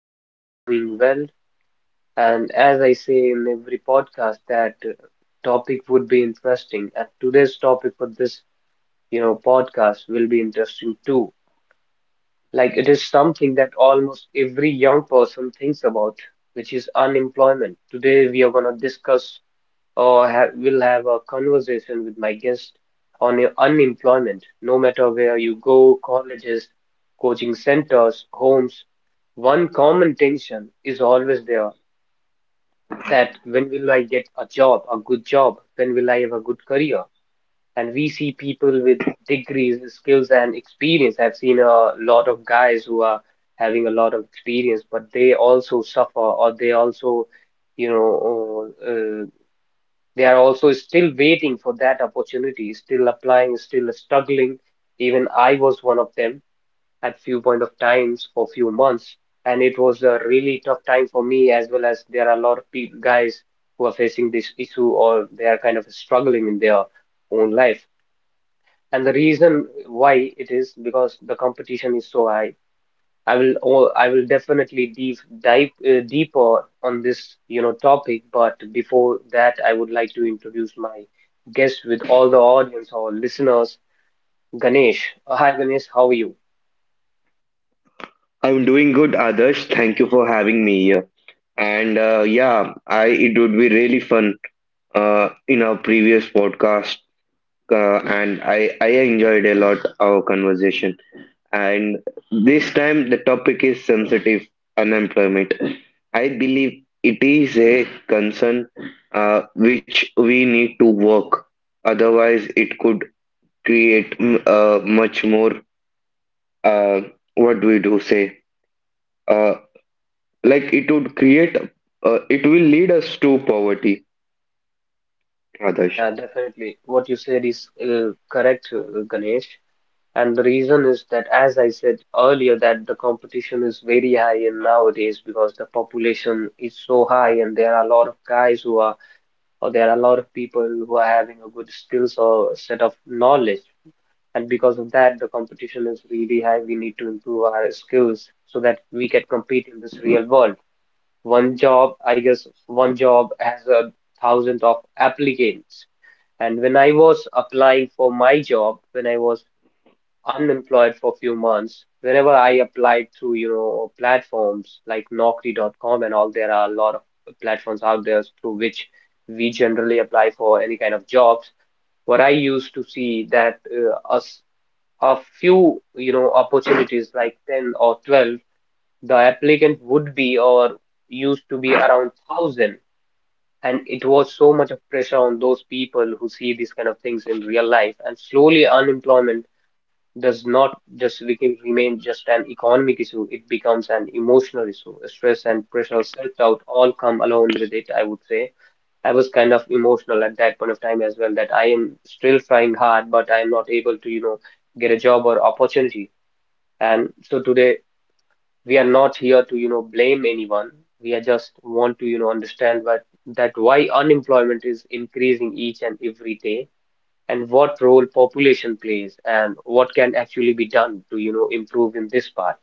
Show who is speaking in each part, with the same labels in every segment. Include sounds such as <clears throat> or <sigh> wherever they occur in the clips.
Speaker 1: you all are doing well. And as I say in every podcast, that topic would be interesting. And today's topic for this, podcast will be interesting too. Like it is something that almost every young person thinks about, which is unemployment. Today, we are going to discuss or ha will have a conversation with my guest on your unemployment, no matter where you go, colleges, coaching centers, homes. One common tension is always there that when will I get a job, a good job? When will I have a good career? And we see people with degrees, skills, and experience. I've seen a lot of guys who are having a lot of experience, but they also suffer or they also, you know, uh, they are also still waiting for that opportunity, still applying, still struggling. Even I was one of them at few point of times for few months, and it was a really tough time for me as well as there are a lot of people, guys who are facing this issue or they are kind of struggling in their own life. And the reason why it is because the competition is so high. I will definitely deep dive deeper on this topic, but before that, I would like to introduce my guest with all the audience or listeners, Ganesh. Hi Ganesh, how are you?
Speaker 2: I'm doing good, Adarsh. Thank you for having me here. I it would be really fun in our previous podcast, and I enjoyed a lot our conversation. And this time the topic is sensitive unemployment. I believe it is a concern which we need to work. Otherwise, it could create much more uh, what do we do say? uh, like it would create it will lead us to poverty, Adarsh.
Speaker 1: Yeah, definitely. What you said is correct, Ganesh. And the reason is that, as I said earlier, that the competition is very high in nowadays because the population is so high, and there are a lot of guys who are or there are a lot of people who are having a good skills or set of knowledge. And because of that, the competition is really high. We need to improve our skills so that we can compete in this real world. One job, I guess, one job has a thousand of applicants. And when I was applying for my job, when I was unemployed for a few months. Whenever I applied through, platforms like Naukri.com and all, there are a lot of platforms out there through which we generally apply for any kind of jobs. What I used to see that us a few, opportunities like 10 or 12, the applicant would be or used to be around 1,000. And it was so much of pressure on those people who see these kind of things in real life. And slowly unemployment does not just become, remain just an economic issue, it becomes an emotional issue. Stress and pressure, self-doubt all come along with it, I would say. I was kind of emotional at that point of time as well, that I am still trying hard, but I am not able to, get a job or opportunity. And so today we are not here to, blame anyone. We are just want to, understand that that why unemployment is increasing each and every day and what role population plays and what can actually be done to improve in this part.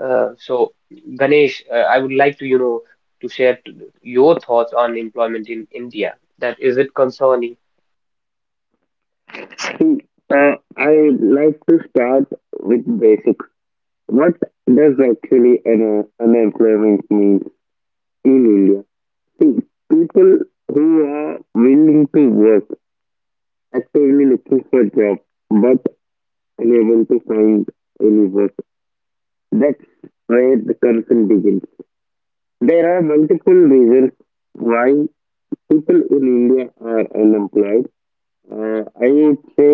Speaker 1: uh, so Ganesh, I would like to to share your thoughts on employment in India, that is it concerning.
Speaker 2: See, I would like to start with basics. What does actually an unemployment mean in India? See, people who are willing to work, actively looking for job, but unable to find any work. That's where the concern begins. There are multiple reasons why people in India are unemployed. I would say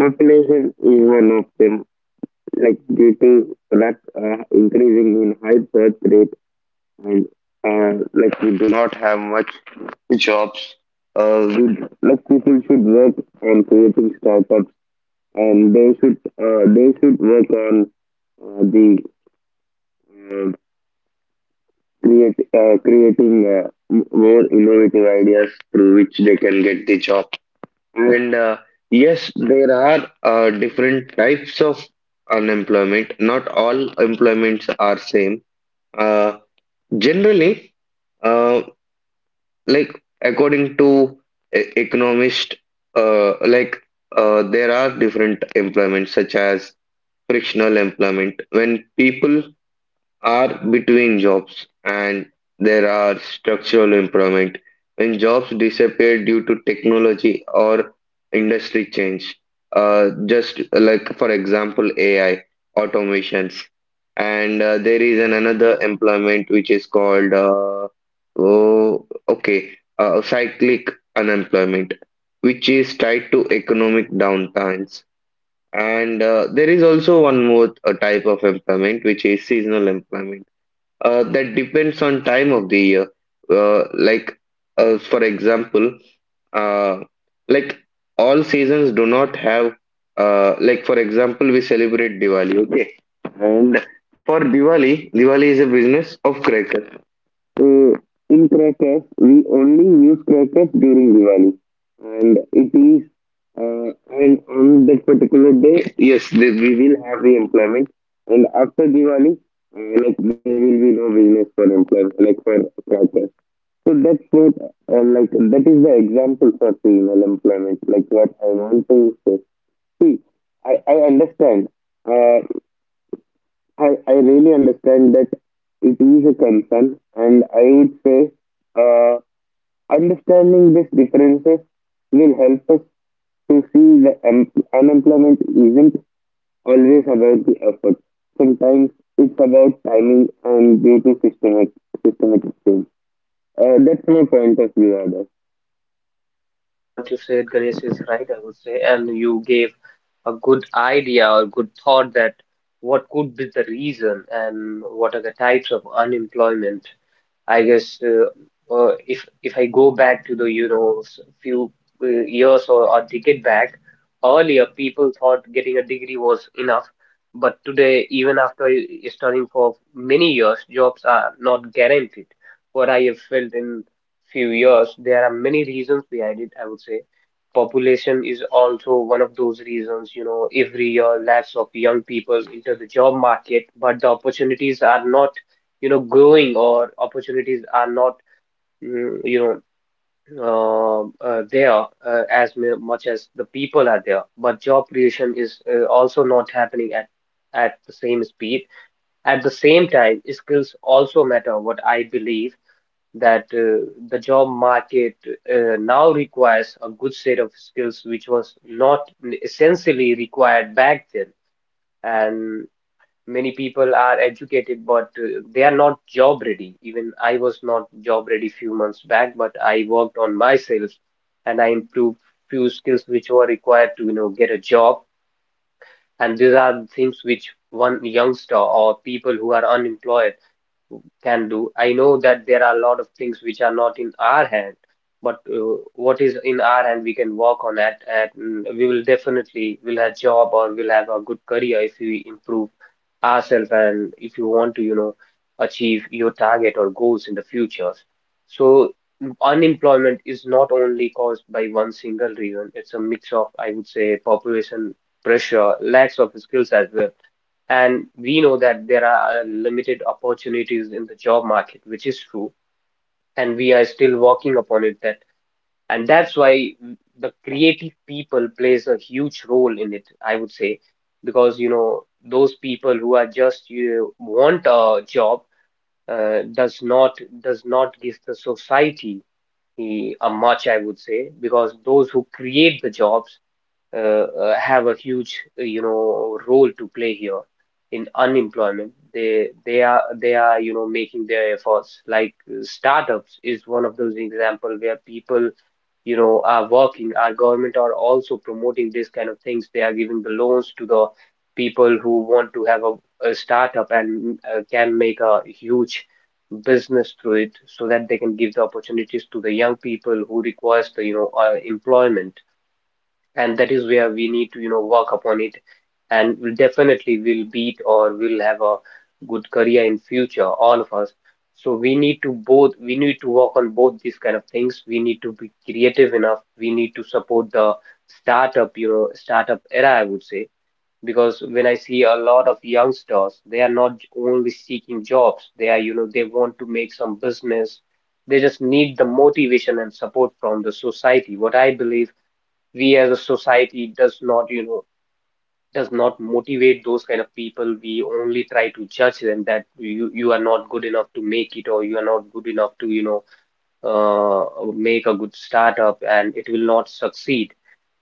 Speaker 2: population is one of them, like due to that increasing in high birth rate and like we do not have much jobs. Uh, we, like people should work on creating startups and they should work on the uh, create creating more innovative ideas through which they can get the job. And Yes, there are different types of unemployment. Not all employments are same. Uh, Generally, uh, like according to economist, uh, like there are different employments such as frictional employment when people are between jobs, and there are structural employment when jobs disappear due to technology or industry change, just like for example AI automations. And There is an another employment which is called oh okay cyclic unemployment, which is tied to economic downtimes. And There is also one more type of employment, which is seasonal employment, that depends on time of the year. Uh, like, for example, uh, like all seasons do not have, like for example, we celebrate Diwali, okay? And for Diwali, Diwali is a business of crackers. Uh, in crackers, we only use crackers during Diwali, and it is and on that particular day, yes, the, we will have the employment, and after Diwali, like there will be no business for employment, like for crackers. So that's what, like that is the example for seasonal employment, like what I want to say. See, I understand. Uh, I really understand that it is a concern, and I would say uh, understanding these differences will help us to see that unemployment isn't always about the effort. Sometimes it's about timing and due to systemic systematic change. That's my point of view, Adash.
Speaker 1: Yeah, what you said Ganesh is right, I would say, and you gave a good idea or good thought that what could be the reason and what are the types of unemployment. I guess, if I go back to the few years or a decade back, earlier people thought getting a degree was enough, but today even after studying for many years, jobs are not guaranteed. What I have felt in few years, there are many reasons behind it, I would say. Population is also one of those reasons, you know, every year lakhs of young people enter the job market, but the opportunities are not growing, or opportunities are not mm, you know there as much as the people are there, but job creation is also not happening at the same speed. At the same time, skills also matter, what I believe, that the job market now requires a good set of skills, which was not essentially required back then. And many people are educated, but they are not job ready. Even I was not job ready few months back, but I worked on myself, and I improved few skills which were required to, get a job. And these are things which one youngster or people who are unemployed can do. I know that there are a lot of things which are not in our hand, but what is in our hand, we can work on that, and we will definitely will have job or will have a good career if we improve ourselves and if you want to, achieve your target or goals in the future. So unemployment is not only caused by one single reason. It's a mix of, I would say, population pressure, lacks of skills as well, and we know that there are limited opportunities in the job market, which is true, and we are still working upon it, that and that's why the creative people plays a huge role in it, I would say, because you know those people who are just you want a job uh, does not does not give the society a much, I would say, because those who create the jobs have a huge role to play here in unemployment. They are they are you know making their efforts, like startups is one of those example where people you know are working. Our government are also promoting this kind of things. They are giving the loans to the people who want to have a startup, and can make a huge business through it, so that they can give the opportunities to the young people who requires the employment. And that is where we need to you know work upon it, and we'll definitely will beat or will have a good career in future, all of us. So we need to both, we need to work on both these kind of things. We need to be creative enough, we need to support the startup, startup era, I would say, because when I see a lot of youngsters, they are not only seeking jobs, they are you know they want to make some business. They just need the motivation and support from the society, what I believe. We as a society does not, does not motivate those kind of people. We only try to judge them that you are not good enough to make it, or you are not good enough to, uh, make a good startup, and it will not succeed.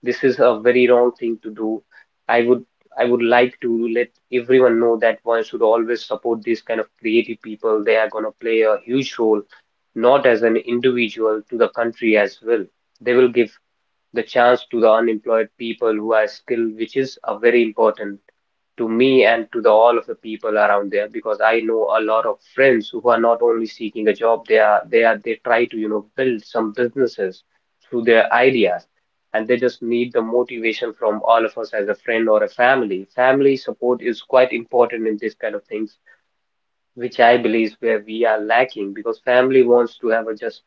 Speaker 1: This is a very wrong thing to do. I would I would like to let everyone know that one should always support these kind of creative people. They are going to play a huge role, not as an individual, to the country as well. They will give the chance to the unemployed people who are skilled, which is a very important to me and to the all of the people around there, because I know a lot of friends who are not only seeking a job, they are they try to, build some businesses through their ideas, and they just need the motivation from all of us as a friend or a family. Family support is quite important in this kind of things, which I believe is where we are lacking, because family wants to have a just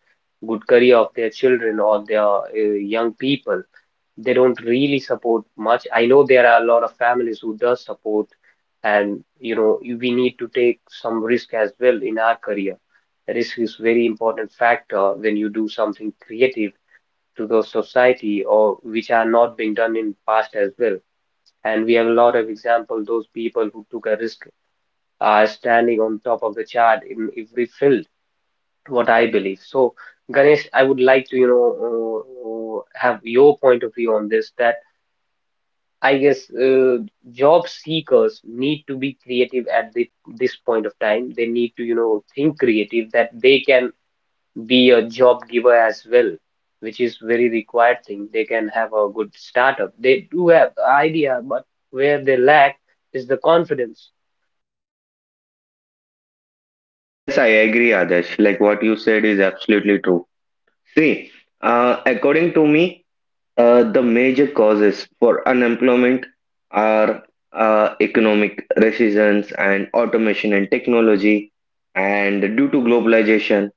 Speaker 1: good career of their children or their young people. They don't really support much. I know there are a lot of families who does support, and you know we need to take some risk as well in our career. Risk is very important factor when you do something creative to the society or which are not being done in past as well. And we have a lot of example those people who took a risk are standing on top of the chart in every field. What I believe. So, Ganesh, I would like to have your point of view on this. That I guess, job seekers need to be creative at the, this point of time. They need to, think creative that they can be a job giver as well, which is very required thing. They can have a good startup. They do have idea, but where they lack is the confidence.
Speaker 2: Yes, I agree, Adesh. Like what you said is absolutely true. See, according to me, the major causes for unemployment are economic recessions and automation and technology, and due to globalization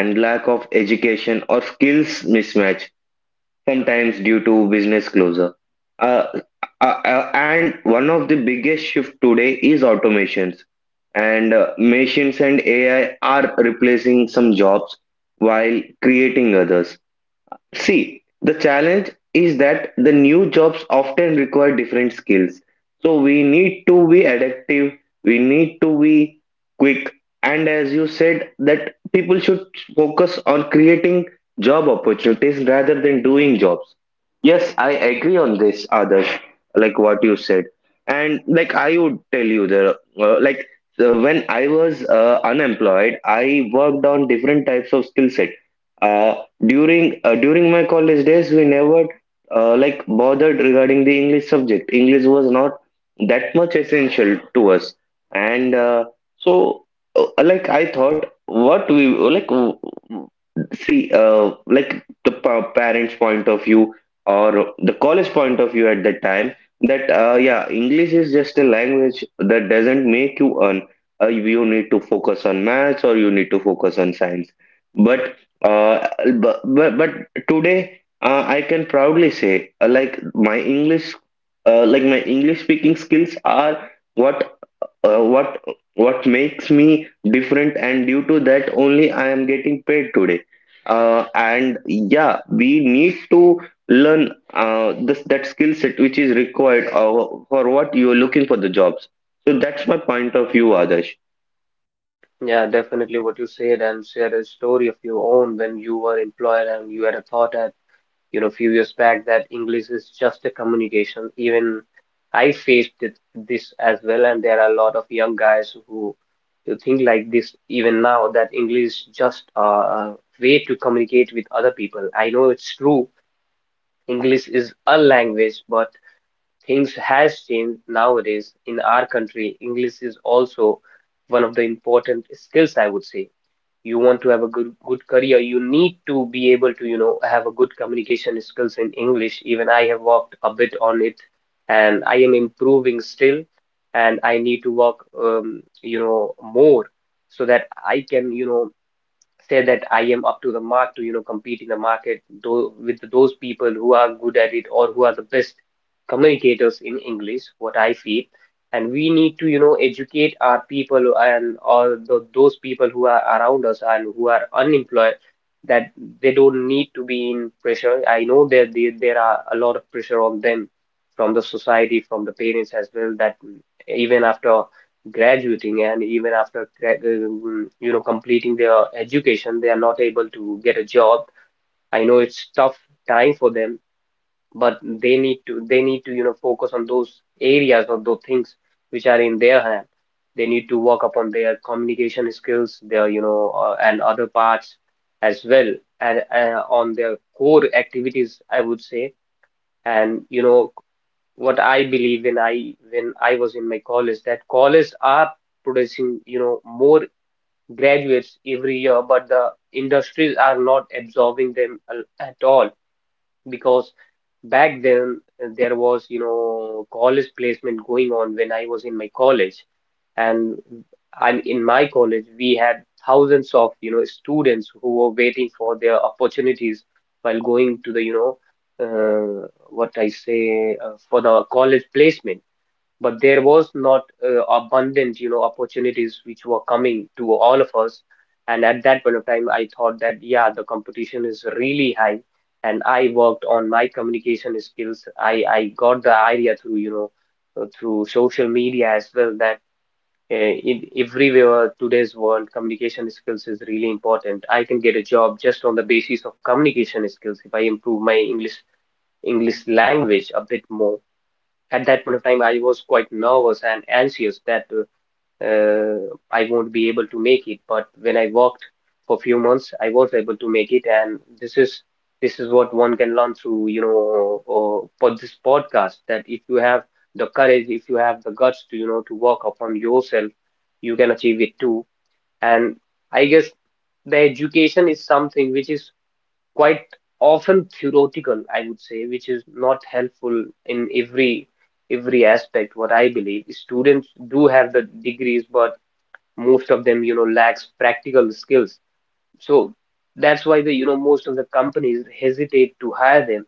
Speaker 2: and lack of education or skills mismatch, sometimes due to business closure. Uh, and one of the biggest shift today is automations, and machines and AI are replacing some jobs while creating others. See, the challenge is that the new jobs often require different skills. So we need to be adaptive, we need to be quick, and as you said, that people should focus on creating job opportunities rather than doing jobs. Yes, I agree on this, Adarsh, like what you said. And like I would tell you the like when I was unemployed, I worked on different types of skill set. Uh, During my college days, we never like bothered regarding the English subject. English was not that much essential to us, and so like I thought, what we like w- w- see like the parents' point of view or the college point of view at that time, that yeah, English is just a language that doesn't make you earn. You need to focus on maths or you need to focus on science. But uh, but, but but today I can proudly say like my English speaking skills are what uh, what what makes me different, and due to that only I am getting paid today. And Yeah, we need to learn this that skill set which is required for what you are looking for the jobs. So that's my point of view, Adarsh.
Speaker 1: Yeah, definitely what you said and share a story of your own when you were employed and you had a thought you know, few years back that English is just a communication. Even I faced it, this as well, and there are a lot of young guys who think like this even now that English is just a way to communicate with other people. I know it's true, English is a language, but things has changed nowadays in our country. English is also one of the important skills, I would say you want to have a good career, you need to be able to you know have a good communication skills in English. Even I have worked a bit on it and I am improving still, and I need to work you know more so that I can you know say that I am up to the mark to you know compete in the market though with those people who are good at it or who are the best communicators in English, what I feel. And we need to you know educate our people and or the those people who are around us and who are unemployed, that they don't need to be in pressure. I know that there are a lot of pressure on them from the society, from the parents as well, that even after graduating and even after you know completing their education they are not able to get a job. I know it's tough time for them, but they need to you know focus on those areas or those things which are in their hand. They need to work upon their communication skills, their you know and other parts as well, and on their core activities, I would say. And you know what I believe, when I was in my college, that colleges are producing you know more graduates every year, but the industries are not absorbing them at all, because back then there was you know college placement going on when I was in my college, and I'm in my college we had thousands of you know students who were waiting for their opportunities while going to the you know what I say for the college placement, but there was not abundant, you know, opportunities which were coming to all of us. And at that point of time, I thought that, yeah, the competition is really high. And I worked on my communication skills. I got the idea through, you know, through social media as well that in everywhere today's world, communication skills is really important. I can get a job just on the basis of communication skills if I improve my English English language a bit more. At that point of time, I was quite nervous and anxious that uh, I won't be able to make it. But when I worked for few months, I was able to make it, and this is what one can learn through, you know, for this podcast. That if you have the courage, if you have the guts to, you know, to work upon yourself, you can achieve it too. And I guess the education is something which is quite often theoretical, I would say, which is not helpful in every aspect. What I believe, students do have the degrees, but most of them, you know, lacks practical skills. So that's why the you know most of the companies hesitate to hire them,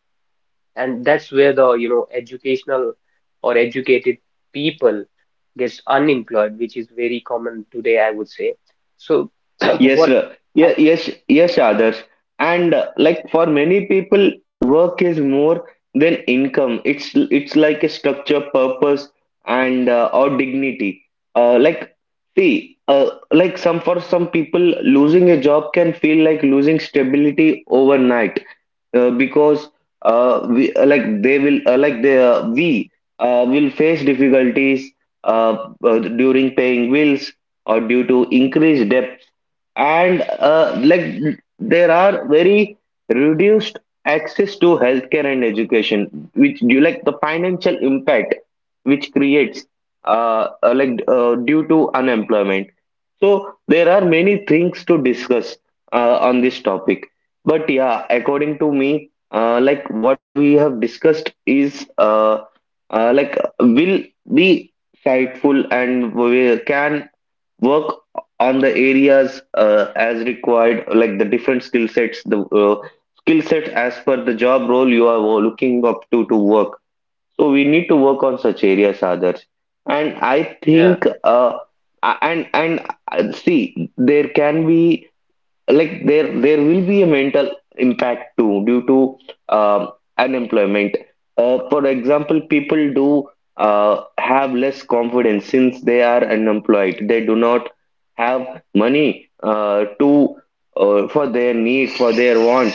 Speaker 1: and that's where the you know educational or educated people gets unemployed, which is very common today, I would say. So <clears throat>
Speaker 2: Yes,
Speaker 1: what
Speaker 2: sir. Yeah,
Speaker 1: I
Speaker 2: yes, yes, others. And Like for many people, work is more than income. It's like a structure, purpose, and or dignity. Uh, like See, like some for some people, losing a job can feel like losing stability overnight, because we like they will like they we will face difficulties during paying bills or due to increased debt, and like there are very reduced access to healthcare and education, which you like the financial impact which creates like due to unemployment. So there are many things to discuss on this topic, but yeah, according to me, like what we have discussed is like will be insightful, and we can work on the areas as required, like the different skill sets, the skill sets as per the job role you are looking up to work. So we need to work on such areas, others. And I
Speaker 1: yeah,
Speaker 2: think and see there can be there will be a mental impact too due to um, unemployment. For example, people do have less confidence since they are unemployed. They do not have money to for their needs, for their wants,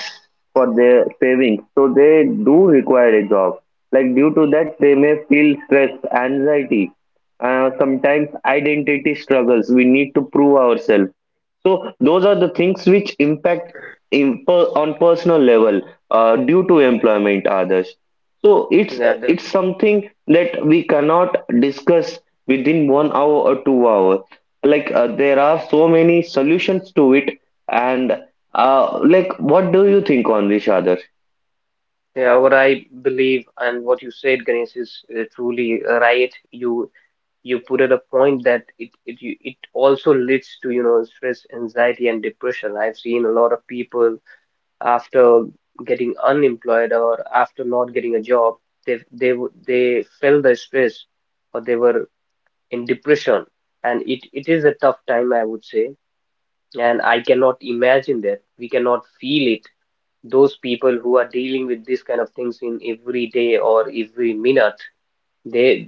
Speaker 2: for their savings, so they do require a job. Like due to that they may feel stress, anxiety, sometimes identity struggles. We need to prove ourselves. So those are the things which impact on personal level due to employment, others. So it's
Speaker 1: yeah,
Speaker 2: it's something that we cannot discuss within 1 hour or 2 hour. Like there are so many solutions to it, and like what do you think on this, others?
Speaker 1: yeah, what I believe and what you said, Ganesh, is truly right. You put at a point that it also leads to you know stress, anxiety, and depression. I've seen a lot of people after getting unemployed or after not getting a job, they felt the stress or they were in depression, and it is a tough time, I would say. And I cannot imagine that. We cannot feel it those people who are dealing with this kind of things in every day or every minute they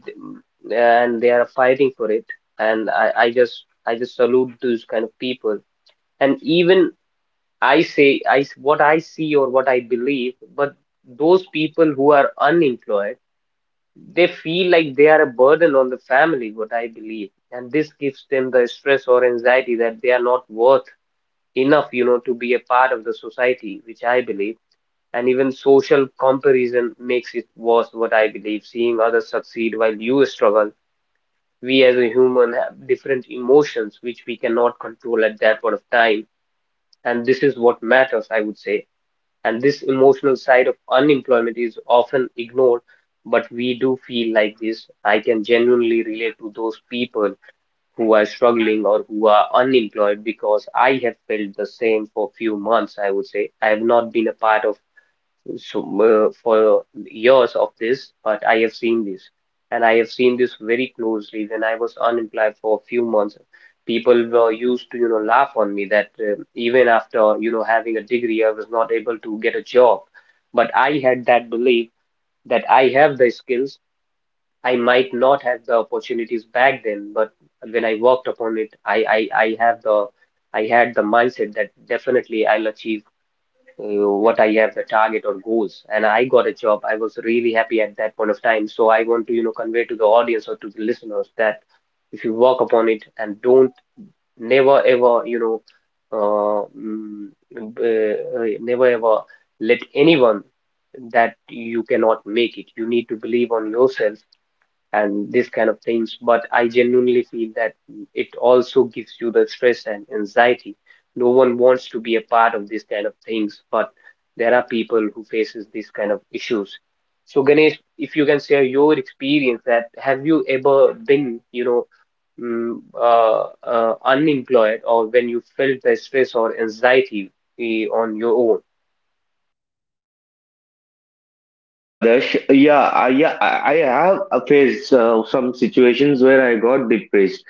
Speaker 1: and they are fighting for it, and I just salute those kind of people. And even I say I s- what I see or what I believe, but those people who are unemployed, they feel like they are a burden on the family, what I believe, and this gives them the stress or anxiety that they are not worth enough you know to be a part of the society, which I believe. And even social comparison makes it worse, what I believe, seeing others succeed while you struggle. We as a human have different emotions which we cannot control at that point of time, and this is what matters, I would say. And this emotional side of unemployment is often ignored, but we do feel like this. I can genuinely relate to those people who are struggling or who are unemployed, because I have felt the same for few months, I would say. I have not been a part of so for years of this, but I have seen this, and I have seen this very closely. When I was unemployed for a few months, people were used to, you know, laugh on me that even after, you know, having a degree, I was not able to get a job. But I had that belief that I have the skills. I might not have the opportunities back then, but when I worked upon it, I have the I had the mindset that definitely I'll achieve uh, what I have the target or goals. And I got a job. I was really happy at that point of time. So I want to, you know, convey to the audience or to the listeners that if you work upon it and don't never ever, you know, uh, mm, never ever let anyone that you cannot make it. You need to believe on yourself and these kind of things. But I genuinely feel that it also gives you the stress and anxiety. No one wants to be a part of these kind of things, but there are people who faces these kind of issues. So Ganesh, if you can share your experience that have you ever been, you know, mm, uh, unemployed or when you felt the stress or anxiety on your own?
Speaker 2: See, Adarsh, yeah, I have faced some situations where I got depressed.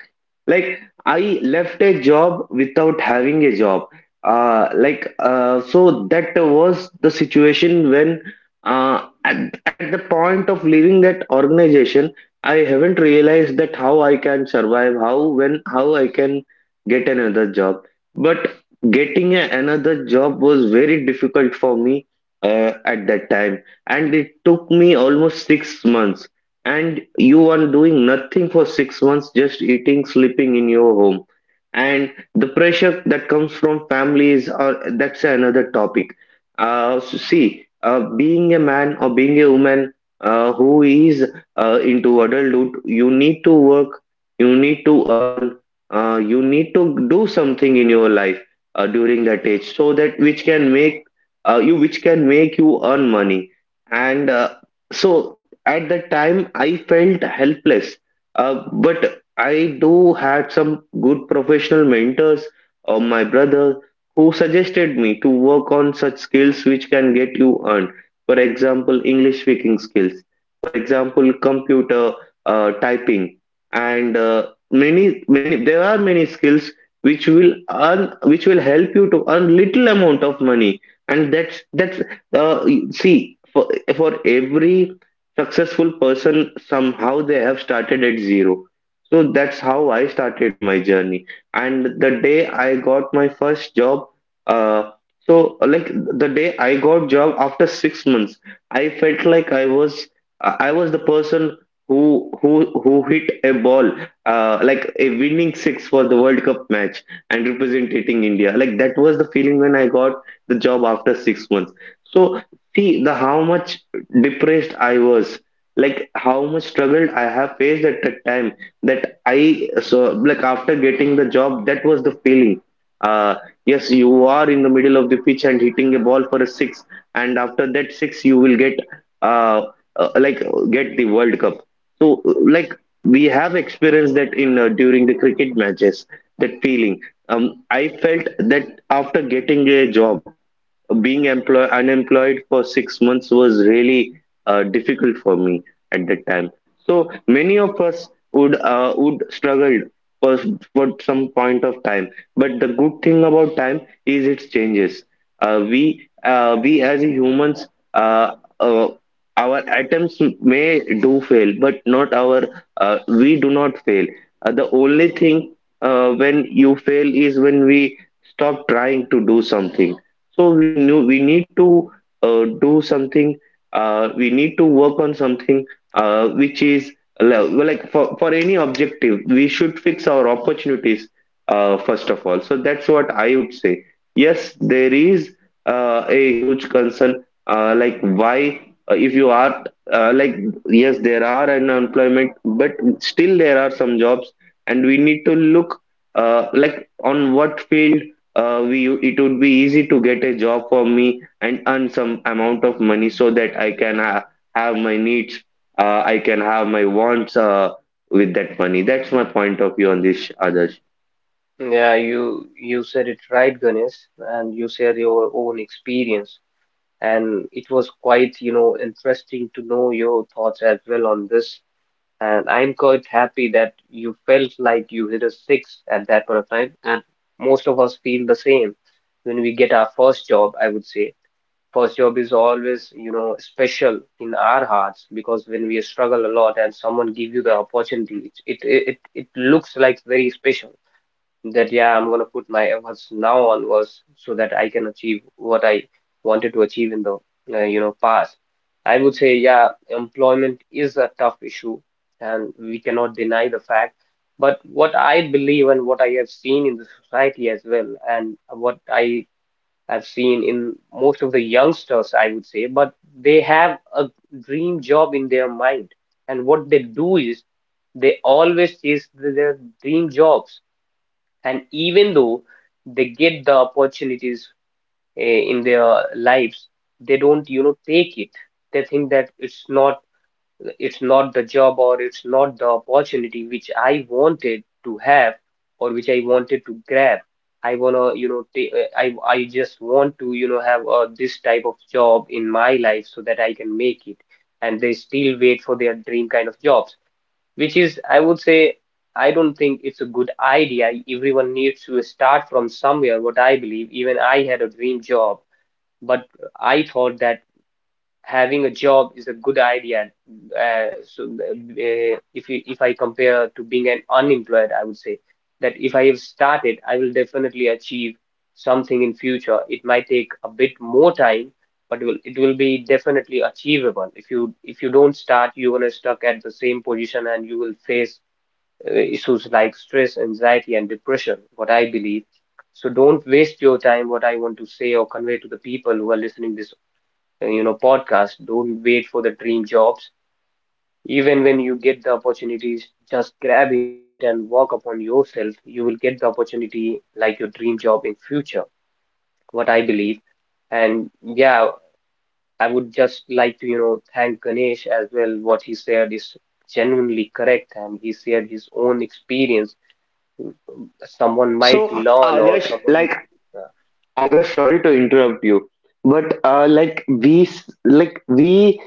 Speaker 2: Like I left a job without having a job. So that was the situation when at the point of leaving that organization, I haven't realized that how I can survive, how when how I can get another job. But getting a, another job was very difficult for me at that time, and it took me almost 6 months. And you are doing nothing for 6 months, just eating, sleeping in your home. And the pressure that comes from families, or that's another topic. So see, being a man or being a woman who is into adulthood, you need to work, you need to earn, you need to do something in your life during that age, so that which can make you which can make you earn money. And uh, so at that time I felt helpless, but I do had some good professional mentors or my brother who suggested me to work on such skills which can get you earned, for example English speaking skills, for example computer typing, and many many, there are many skills which will earn, which will help you to earn little amount of money. And that's uh, See, for every successful person, somehow they have started at zero. So that's how I started my journey, and the day I got my first job, uh so like the day I got job after 6 months, I felt like I was the person who who hit a ball, like a winning six for the World Cup match and representing India. Like that was the feeling when I got the job after 6 months. So see, the how much depressed I was, like how much struggle I have faced at that time. That I so like After getting the job, that was the feeling. Uh, yes, you are in the middle of the pitch and hitting a ball for a six, and after that six, you will uh, uh like get the World Cup. So like we have experienced that in during the cricket matches, that feeling. I felt that after getting a job, being employ unemployed for 6 months was really difficult for me at that time. So many of us would struggle for for some point of time. But the good thing about time is it changes. We as humans, uh, uh, our attempts may do fail, but not our we do not fail. The only thing when you fail is when we stop trying to do something. So we need to do something. We need to work on something which is like for any objective, we should fix our opportunities first of all. So that's what I would say. Yes, there is a huge concern, like why if you are like, yes, there are an unemployment, but still there are some jobs, and we need to look like on what field we it would be easy to get a job for me and earn some amount of money so that I can have my needs, I can have my wants with that money. That's my point of view on this, Adarsh.
Speaker 1: Yeah, you said it right, Ganesh, and you shared your own experience. And it was quite, you know, interesting to know your thoughts as well on this. And I'm quite happy that you felt like you hit a six at that point of time. And most of us feel the same when we get our first job, I would say. First job is always, you know, special in our hearts because when we struggle a lot and someone give you the opportunity, it looks like very special. That yeah, I'm gonna put my efforts now onwards so that I can achieve what I wanted to achieve in the you know past. I would say yeah, employment is a tough issue, and we cannot deny the fact. But what I believe and what I have seen in the society as well, and what I have seen in most of the youngsters, I would say, but they have a dream job in their mind, and what they do is they always chase their dream jobs, and even though they get the opportunities in their lives, they don't you know take it. They think that it's not the job or it's not the opportunity which I wanted to have or which I wanted to grab. I want to you know I just want to you know have this type of job in my life so that I can make it. And they still wait for their dream kind of jobs, which is I would say, I don't think it's a good idea. Everyone needs to start from somewhere, what I believe. Even I had a dream job, but I thought that having a job is a good idea. If you, if I compare to being an unemployed, I would say that if I have started I will definitely achieve something in future. It might take a bit more time, but it will be definitely achievable. If you if you don't start, you are stuck at the same position and you will face issues like stress, anxiety, and depression, what I believe. So don't waste your time, what I want to say or convey to the people who are listening this you know podcast. Don't wait for the dream jobs. Even when you get the opportunities, just grab it and work upon yourself. You will get the opportunity like your dream job in future, what I believe. And yeah, I would just like to, you know, thank Ganesh as well. What he said is genuinely correct and he shared his own experience. Someone might
Speaker 2: So,
Speaker 1: learn or
Speaker 2: Adarsh,
Speaker 1: someone
Speaker 2: like,
Speaker 1: uh,
Speaker 2: Adarsh, sorry to interrupt you, but like we s- like we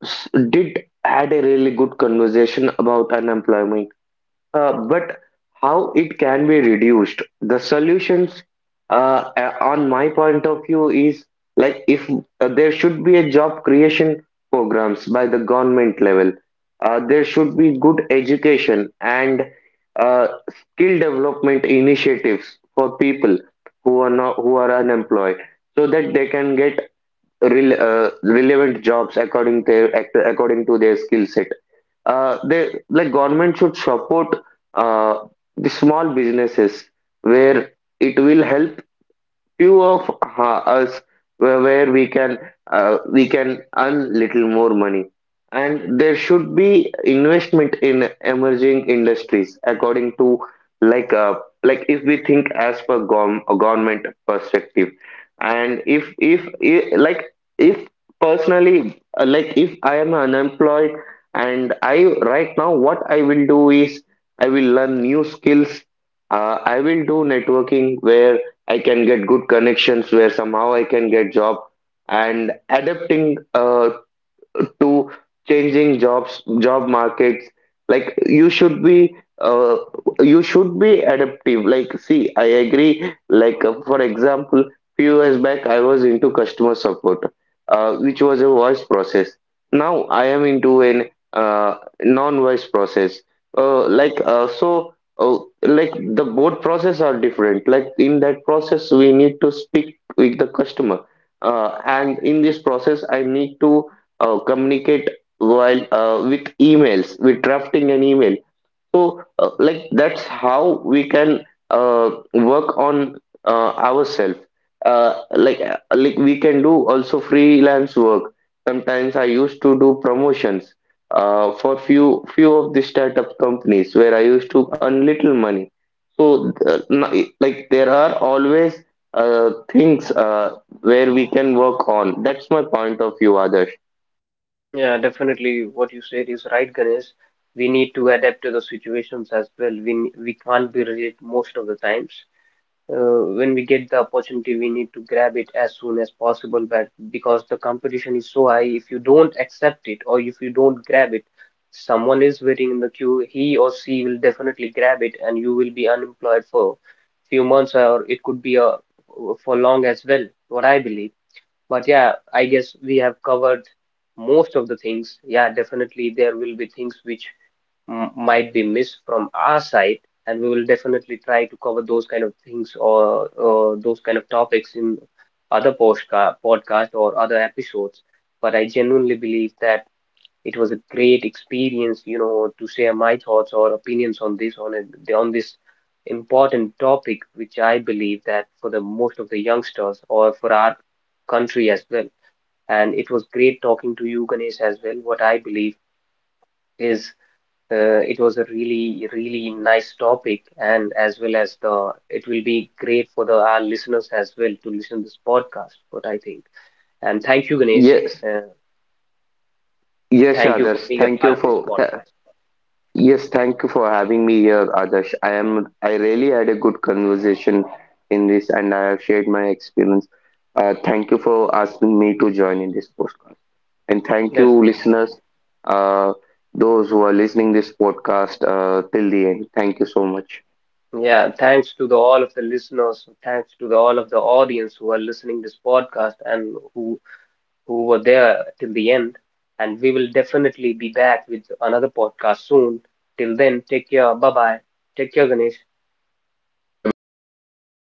Speaker 2: s- did had a really good conversation about unemployment, but how it can be reduced, the solutions on my point of view is, like, if there should be a job creation programs by the government level. There should be good education and uh, skill development initiatives for people who are not who are unemployed, so that they can get relevant jobs according their according to their skill set. They, like, government should support uh, the small businesses, where it will help few of us, where we can we can earn little more money. And there should be investment in emerging industries according to, like uh, like, if we think as per a government perspective. And if, I like if personally, like, if I am unemployed and I right now, what I will do is I will learn new skills. I will do networking where I can get good connections where somehow I can get job. And adapting to changing job markets. Like, you should be adaptive. Like, see, I agree, like, for example, few years back I was into customer support, which was a voice process. Now I am into an uh, non voice process. uh, like uh, so uh, like, the both process are different. Like, in that process, we need to speak with the customer, and in this process I need to communicate while with emails, with drafting an email. So like, that's how we can work on ourselves. Like, we can do also freelance work. Sometimes I used to do promotions for few of the startup companies, where I used to earn little money. So like, there are always things where we can work on. That's my point of view, others.
Speaker 1: yeah, definitely what you said is right, Ganesh. We need to adapt to the situations as well. We we can't be rigid most of the times. When we get the opportunity we need to grab it as soon as possible, but because the competition is so high, if you don't accept it or if you don't grab it, someone is waiting in the queue, he or she will definitely grab it and you will be unemployed for few months or it could be a for long as well, what I believe. But yeah, I guess we have covered most of the things. Yeah, definitely there will be things which m might be missed from our side, and we will definitely try to cover those kind of things or those kind of topics in other postca podcast or other episodes. But I genuinely believe that it was a great experience, you know, to share my thoughts or opinions on this on on this important topic, which I believe that for the most of the youngsters or for our country as well. And it was great talking to you, Ganesh, as well. What I believe is it was a really, really nice topic, and as well as the it will be great for the our listeners as well to listen this podcast, what I think. And thank you, Ganesh.
Speaker 2: Yes,
Speaker 1: Uh,
Speaker 2: yes,
Speaker 1: Thank you for
Speaker 2: Adarsh.
Speaker 1: being a
Speaker 2: Thank you
Speaker 1: part of
Speaker 2: for
Speaker 1: this
Speaker 2: th-
Speaker 1: podcast.
Speaker 2: Yes, thank you for having me here, Adarsh. I really had a good conversation in this, and I have shared my experience. Thank you for asking me to join in this podcast, and thank you,
Speaker 1: Definitely.
Speaker 2: listeners, uh, those who are listening this podcast till the end. Thank you so much.
Speaker 1: Yeah, thanks to the all of the listeners, thanks to the all of the audience who are listening this podcast and who were there till the end. And we will definitely be back with another podcast soon. Till then, take care. Bye bye. Take care, Ganesh.
Speaker 2: Bye bye. Take care.